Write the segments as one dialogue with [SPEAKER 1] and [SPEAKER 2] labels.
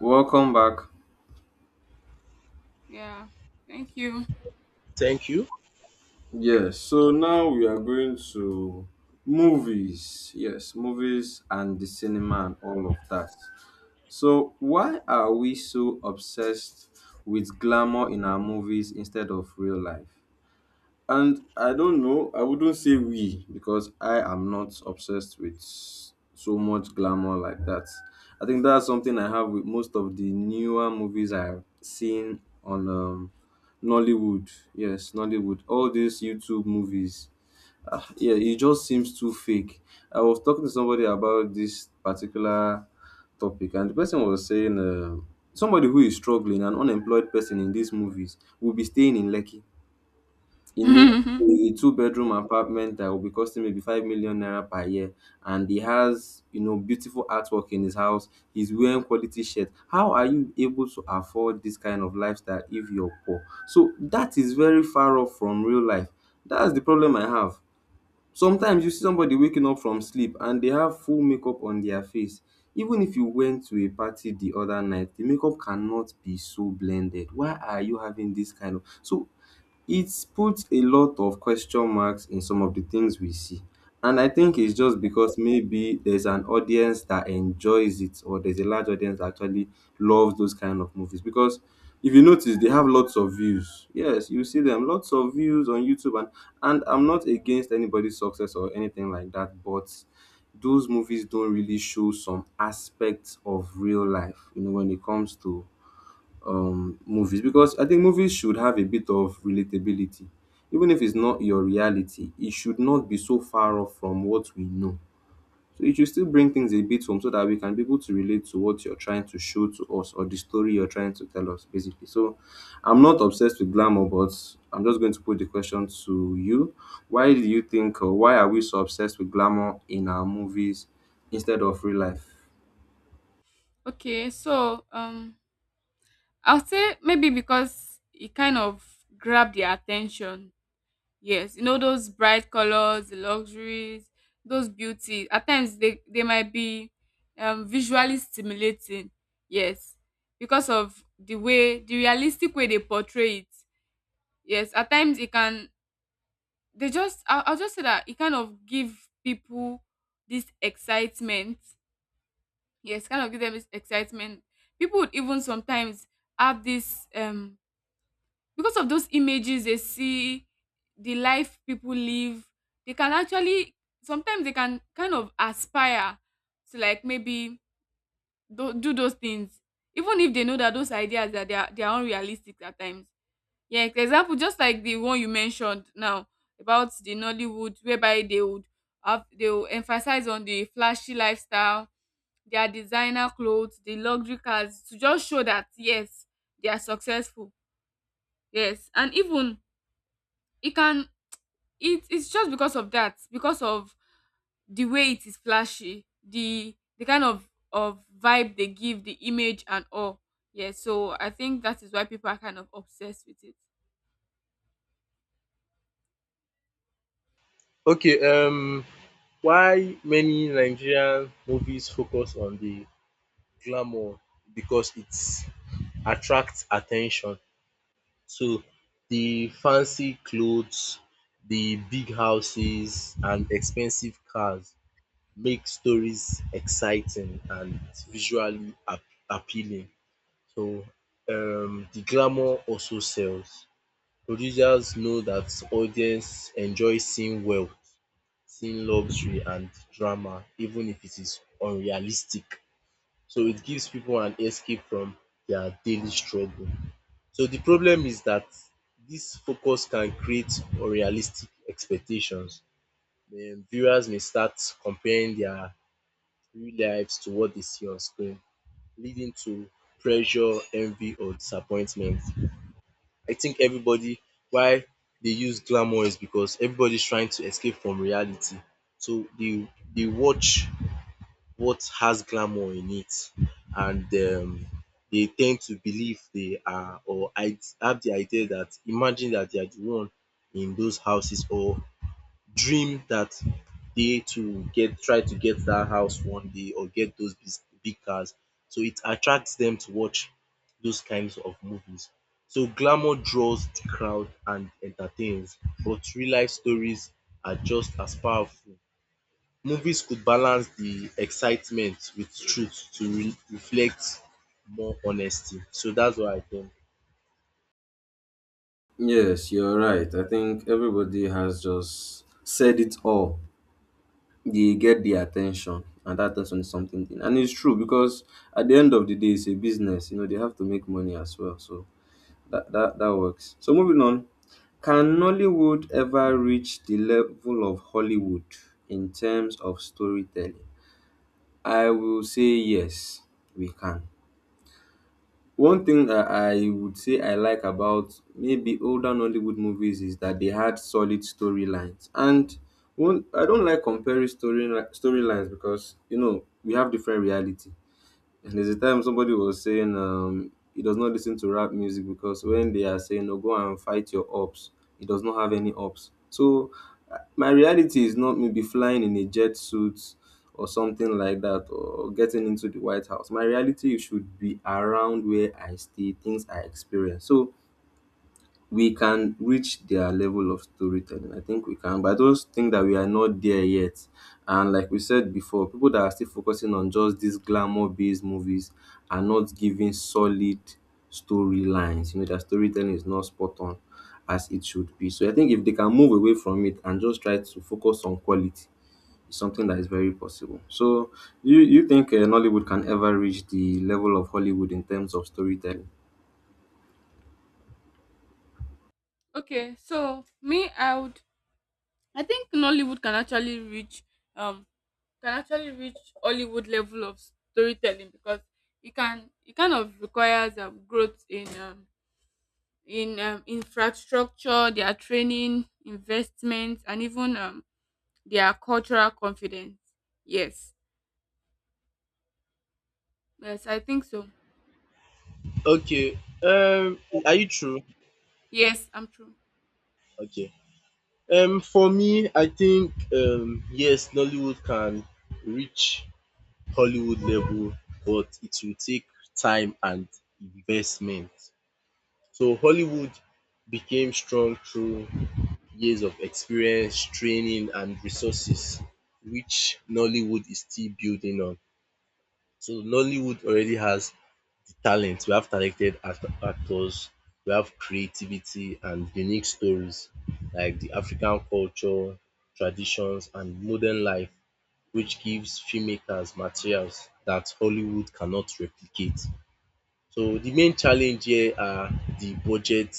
[SPEAKER 1] Welcome back.
[SPEAKER 2] Yeah, thank you.
[SPEAKER 3] Thank you.
[SPEAKER 1] Yes, so now we are going to movies. Yes, movies and the cinema and all of that. So, why are we so obsessed with glamour in our movies instead of real life? And I don't know, I wouldn't say we because I am not obsessed with so much glamour like that. I think that's something I have with most of the newer movies I've seen on Nollywood. Yes, Nollywood. All these YouTube movies. Ah, yeah, it just seems too fake. I was talking to somebody about this particular topic, and the person was saying somebody who is struggling, an unemployed person in these movies, will be staying in Lekki in maybe a two-bedroom apartment that will be costing maybe 5 million naira per year. And he has, you know, beautiful artwork in his house. He's wearing quality shirt. How are you able to afford this kind of lifestyle if you're poor? So that is very far off from real life. That's the problem I have. Sometimes you see somebody waking up from sleep and they have full makeup on their face. Even if you went to a party the other night, the makeup cannot be so blended. Why are you having this kind of? So it puts a lot of question marks in some of the things we see. And I think it's just because maybe there's an audience that enjoys it, or there's a large audience that actually loves those kind of movies. Because if you notice, they have lots of views. Yes, you see them, lots of views on YouTube. And I'm not against anybody's success or anything like that, but those movies don't really show some aspects of real life, you know, when it comes to movies, because I think movies should have a bit of relatability. Even if it's not your reality, it should not be so far off from what we know. So it should still bring things a bit home so that we can be able to relate to what you're trying to show to us or the story you're trying to tell us, basically. So I'm not obsessed with glamour, but I'm just going to put the question to you. Why do you think, or why are we so obsessed with glamour in our movies instead of real life?
[SPEAKER 2] okay, so um, I'll say maybe because it kind of grabbed their attention. Yes, you know those bright colors, the luxuries, those beauty. At times they might be visually stimulating. Yes, because of the realistic way they portray it. Yes, at times it can. I'll just say that it kind of give people this excitement, yes, kind of give them excitement. People would even sometimes have this, because of those images they see, the life people live, they can actually sometimes, they can kind of aspire to, like, maybe do those things, even if they know that those ideas that they are unrealistic at times. Yeah, example just like the one you mentioned now about the Nollywood, whereby they would have they will emphasize on the flashy lifestyle, their designer clothes, the luxury cars, to just show that yes, they are successful. Yes. And even it can, it's just because of that, because of the way it is flashy, the kind of vibe they give, the image and all. Yeah, so I think that is why people are kind of obsessed with it.
[SPEAKER 3] Okay, why many Nigerian movies focus on the glamour because it attracts attention. So the fancy clothes, the big houses and expensive cars make stories exciting and visually appealing. So the glamour also sells. Producers know that audiences enjoy seeing wealth, seeing luxury and drama even if it is unrealistic. So it gives people an escape from their daily struggle. So the problem is that this focus can create unrealistic expectations. Then viewers may start comparing their real lives to what they see on screen, leading to pressure, envy or disappointment. I think everybody why they use glamour is because everybody's trying to escape from reality. So they watch what has glamour in it, and they tend to believe they are, or I have the idea that imagine that they are the one in those houses, or dream that day to get try to get that house one day or get those big cars. So it attracts them to watch those kinds of movies. So glamour draws the crowd and entertains, but real life stories are just as powerful. Movies could balance the excitement with truth to reflect more honesty. So that's what I think.
[SPEAKER 1] Yes, you're right. I think everybody has just said it all. They get the attention, and that attention is something. And it's true because at the end of the day, it's a business. You know, they have to make money as well. So that works. So moving on, can Nollywood ever reach the level of Hollywood in terms of storytelling? I will say yes, we can. One thing that I would say I like about maybe older Nollywood movies is that they had solid storylines. And one, I don't like comparing storylines, because you know we have different reality. And there's a time somebody was saying he does not listen to rap music because when they are saying, oh, go and fight your ops, he does not have any ops. So my reality is not maybe flying in a jet suit or something like that or getting into the White House. My reality should be around where I stay, things I experience. So we can reach their level of storytelling. I think we can, but I just think that we are not there yet. And like we said before, people that are still focusing on just these glamour based movies are not giving solid storylines. You know, their storytelling is not spot on as it should be. So I think if they can move away from it and just try to focus on quality, it's something that is very possible. So you think Nollywood can ever reach the level of Hollywood in terms of storytelling?
[SPEAKER 2] Okay, so me, I would. I think Nollywood can actually reach um can actually reach Hollywood level of storytelling, because it kind of requires growth in infrastructure, their training, investments, and even their cultural confidence. Yes, yes, I think so.
[SPEAKER 3] Okay. Um, are you true?
[SPEAKER 2] Yes, I'm true.
[SPEAKER 3] Okay. For me, I think yes, Nollywood can reach Hollywood level, but it will take time and investment. So Hollywood became strong through years of experience, training and resources which Nollywood is still building on. So Nollywood already has talent, we have talented actors, we have creativity and unique stories like the African culture, traditions, and modern life, which gives filmmakers materials that Hollywood cannot replicate. So, the main challenge here are the budget,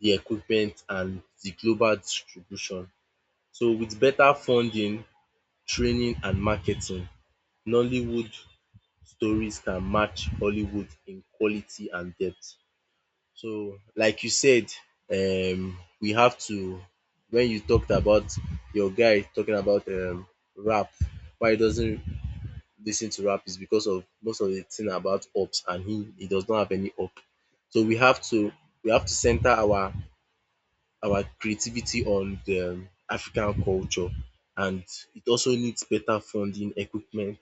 [SPEAKER 3] the equipment, and the global distribution. So, with better funding, training, and marketing, Nollywood stories can match Hollywood in quality and depth. So like you said, we have to when you talked about your guy talking about rap, why he doesn't listen to rap is because of most of the thing about ups and he does not have any up. So we have to center our creativity on the African culture. And it also needs better funding, equipment,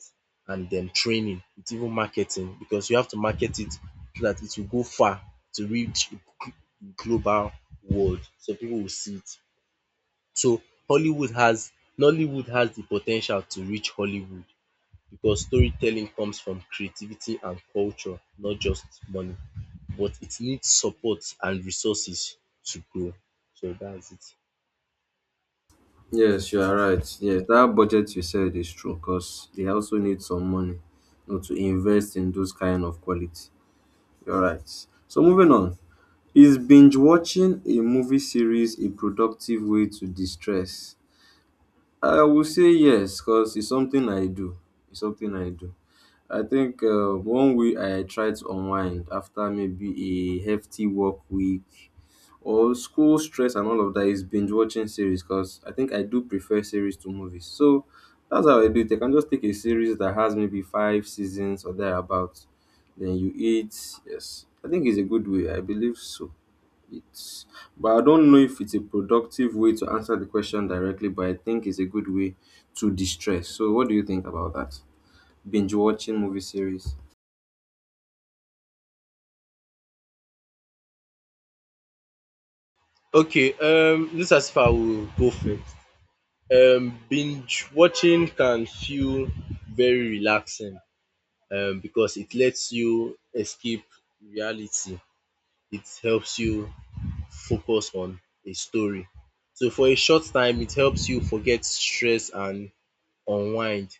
[SPEAKER 3] and then training. It's even marketing, because you have to market it so that it will go far to reach gl- global world. So people will see it. So Hollywood has Nollywood has the potential to reach Hollywood because storytelling comes from creativity and culture, not just money. But it needs support and resources to grow. So that's it.
[SPEAKER 1] Yes, you are right. Yes, that budget you said is true because they also need some money, you know, to invest in those kind of quality. You're right. So moving on. Is binge watching a movie series a productive way to distress? I will say yes, because it's something I do. It's something I do. I think one way I try to unwind after maybe a hefty work week or school stress and all of that is binge watching series, because I think I do prefer series to movies. So that's how I do it. I can just take a series that has maybe five seasons or thereabouts. Then you eat. Yes, I think it's a good way. I believe so. It's, but I don't know if it's a productive way to answer the question directly. But I think it's a good way to distress. So what do you think about that? Binge watching movie series.
[SPEAKER 3] Okay, this as far I will go first. Binge watching can feel very relaxing because it lets you escape reality. It helps you focus on a story. So for a short time, it helps you forget stress and unwind.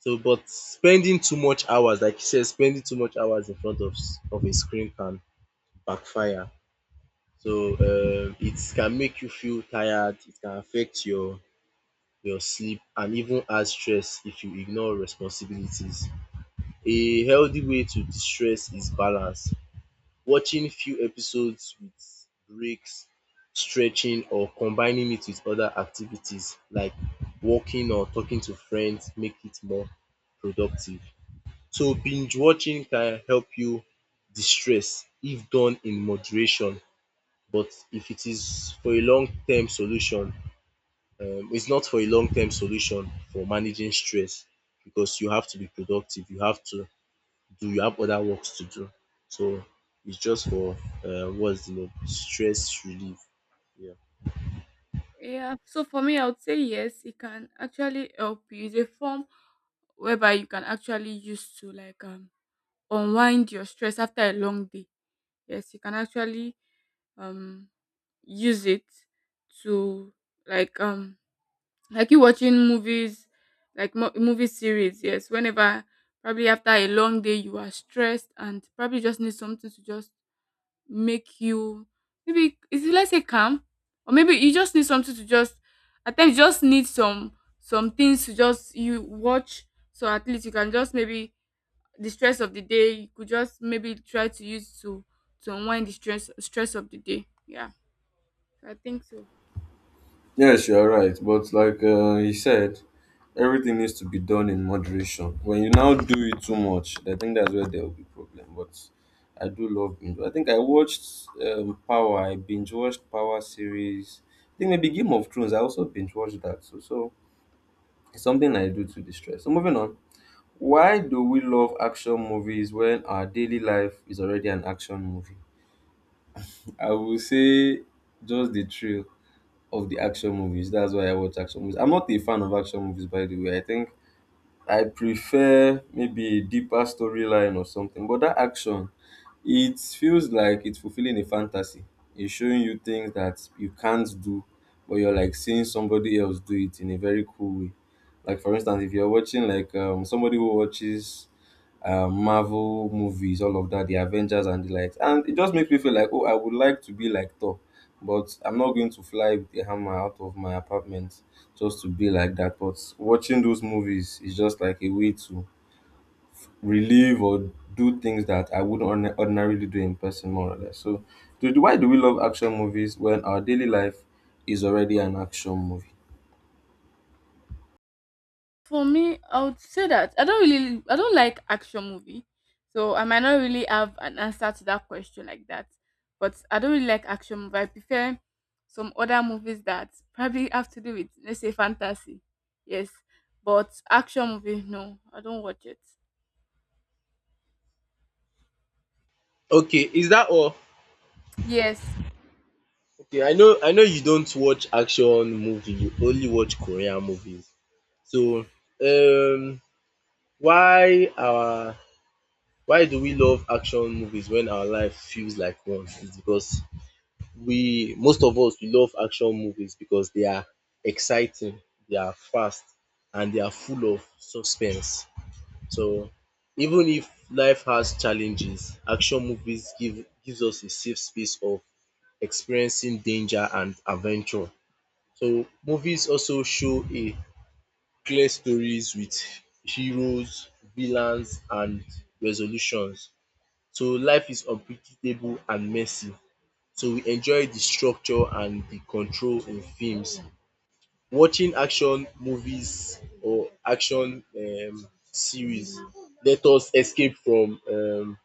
[SPEAKER 3] So, but spending too much hours, like you said, spending too much hours in front of a screen can backfire. So it can make you feel tired, it can affect your sleep and even add stress if you ignore responsibilities. A healthy way to de-stress is balance. Watching few episodes with breaks, stretching or combining it with other activities like walking or talking to friends make it more productive. So binge watching can help you de-stress if done in moderation, but if it is for a long term solution, it's not for a long term solution for managing stress because you have to be productive. You have to do, you have other works to do. So it's just for, what's the name? Stress relief. Yeah.
[SPEAKER 2] Yeah. So for me, I would say yes. It can actually help you. It's a form whereby you can actually use to, like, unwind your stress after a long day. Yes, you can actually um use it to, like, like you watching movies, like movie series. Yes, whenever probably after a long day you are stressed and probably just need something to just make you, maybe is it, let's say, calm, or maybe you just need something to just, at times you just need some things to just you watch, so at least you can just maybe the stress of the day, you could just maybe try to use to unwind the stress of the day. Yeah, I think so.
[SPEAKER 1] Yes, you're right. But like he said, everything needs to be done in moderation. When you now do it too much, I think that's where there will be problem. But I do love binge. I think I watched Power. I binge watched Power series. I think maybe Game of Thrones. I also binge watched that. So, so it's something I do to distress. So moving on. Why do we love action movies when our daily life is already an action movie? I will say just the thrill of the action movies. That's why I watch action movies. I'm not a fan of action movies, by the way. I think I prefer maybe a deeper storyline or something. But that action, it feels like it's fulfilling a fantasy. It's showing you things that you can't do, but you're like seeing somebody else do it in a very cool way. Like for instance, if you're watching like somebody who watches Marvel movies, all of that, the Avengers and the likes. And it just makes me feel like, oh, I would like to be like Thor, but I'm not going to fly with a hammer out of my apartment just to be like that. But watching those movies is just like a way to relieve or do things that I wouldn't ordinarily do in person, more or less. So, why do we love action movies when our daily life is already an action movie?
[SPEAKER 2] For me, I would say that I don't like action movie, so I might not really have an answer to that question like that. But I don't really like action movie. I prefer some other movies that probably have to do with, let's say, fantasy. Yes. But action movie, no, I don't watch it.
[SPEAKER 3] Okay. Is that all?
[SPEAKER 2] Yes.
[SPEAKER 3] Okay. I know you don't watch action movie. You only watch Korean movies. So, um, why our why do we love action movies when our life feels like one? It's because we most of us we love action movies because they are exciting, they are fast and they are full of suspense. So even if life has challenges, action movies gives us a safe space of experiencing danger and adventure. So movies also show a clear stories with heroes, villains and resolutions. So life is unpredictable and messy, so we enjoy the structure and the control in films. Watching action movies or action series let us escape from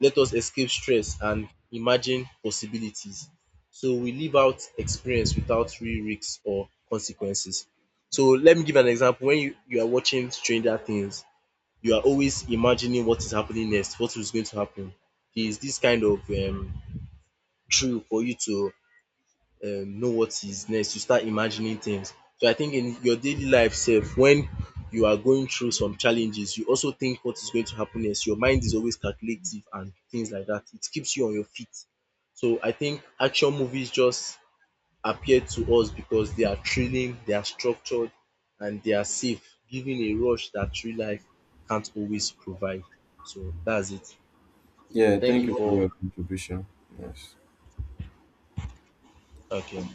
[SPEAKER 3] let us escape stress and imagine possibilities. So we live out experience without real risks or consequences. So let me give an example. When you are watching Stranger Things, you are always imagining what is happening next, what is going to happen. There is this kind of thrill for you to know what is next, you start imagining things. So I think in your daily life sef, when you are going through some challenges you also think what is going to happen next. Your mind is always calculative and things like that. It keeps you on your feet. So I think action movies just appeal to us because they are thrilling, they are structured and they are safe, giving a rush that real life can't always provide. So that's it. So
[SPEAKER 1] Yeah,
[SPEAKER 3] thank
[SPEAKER 1] thank
[SPEAKER 3] you
[SPEAKER 1] you for
[SPEAKER 3] for
[SPEAKER 1] your contribution. Yes.
[SPEAKER 3] okay.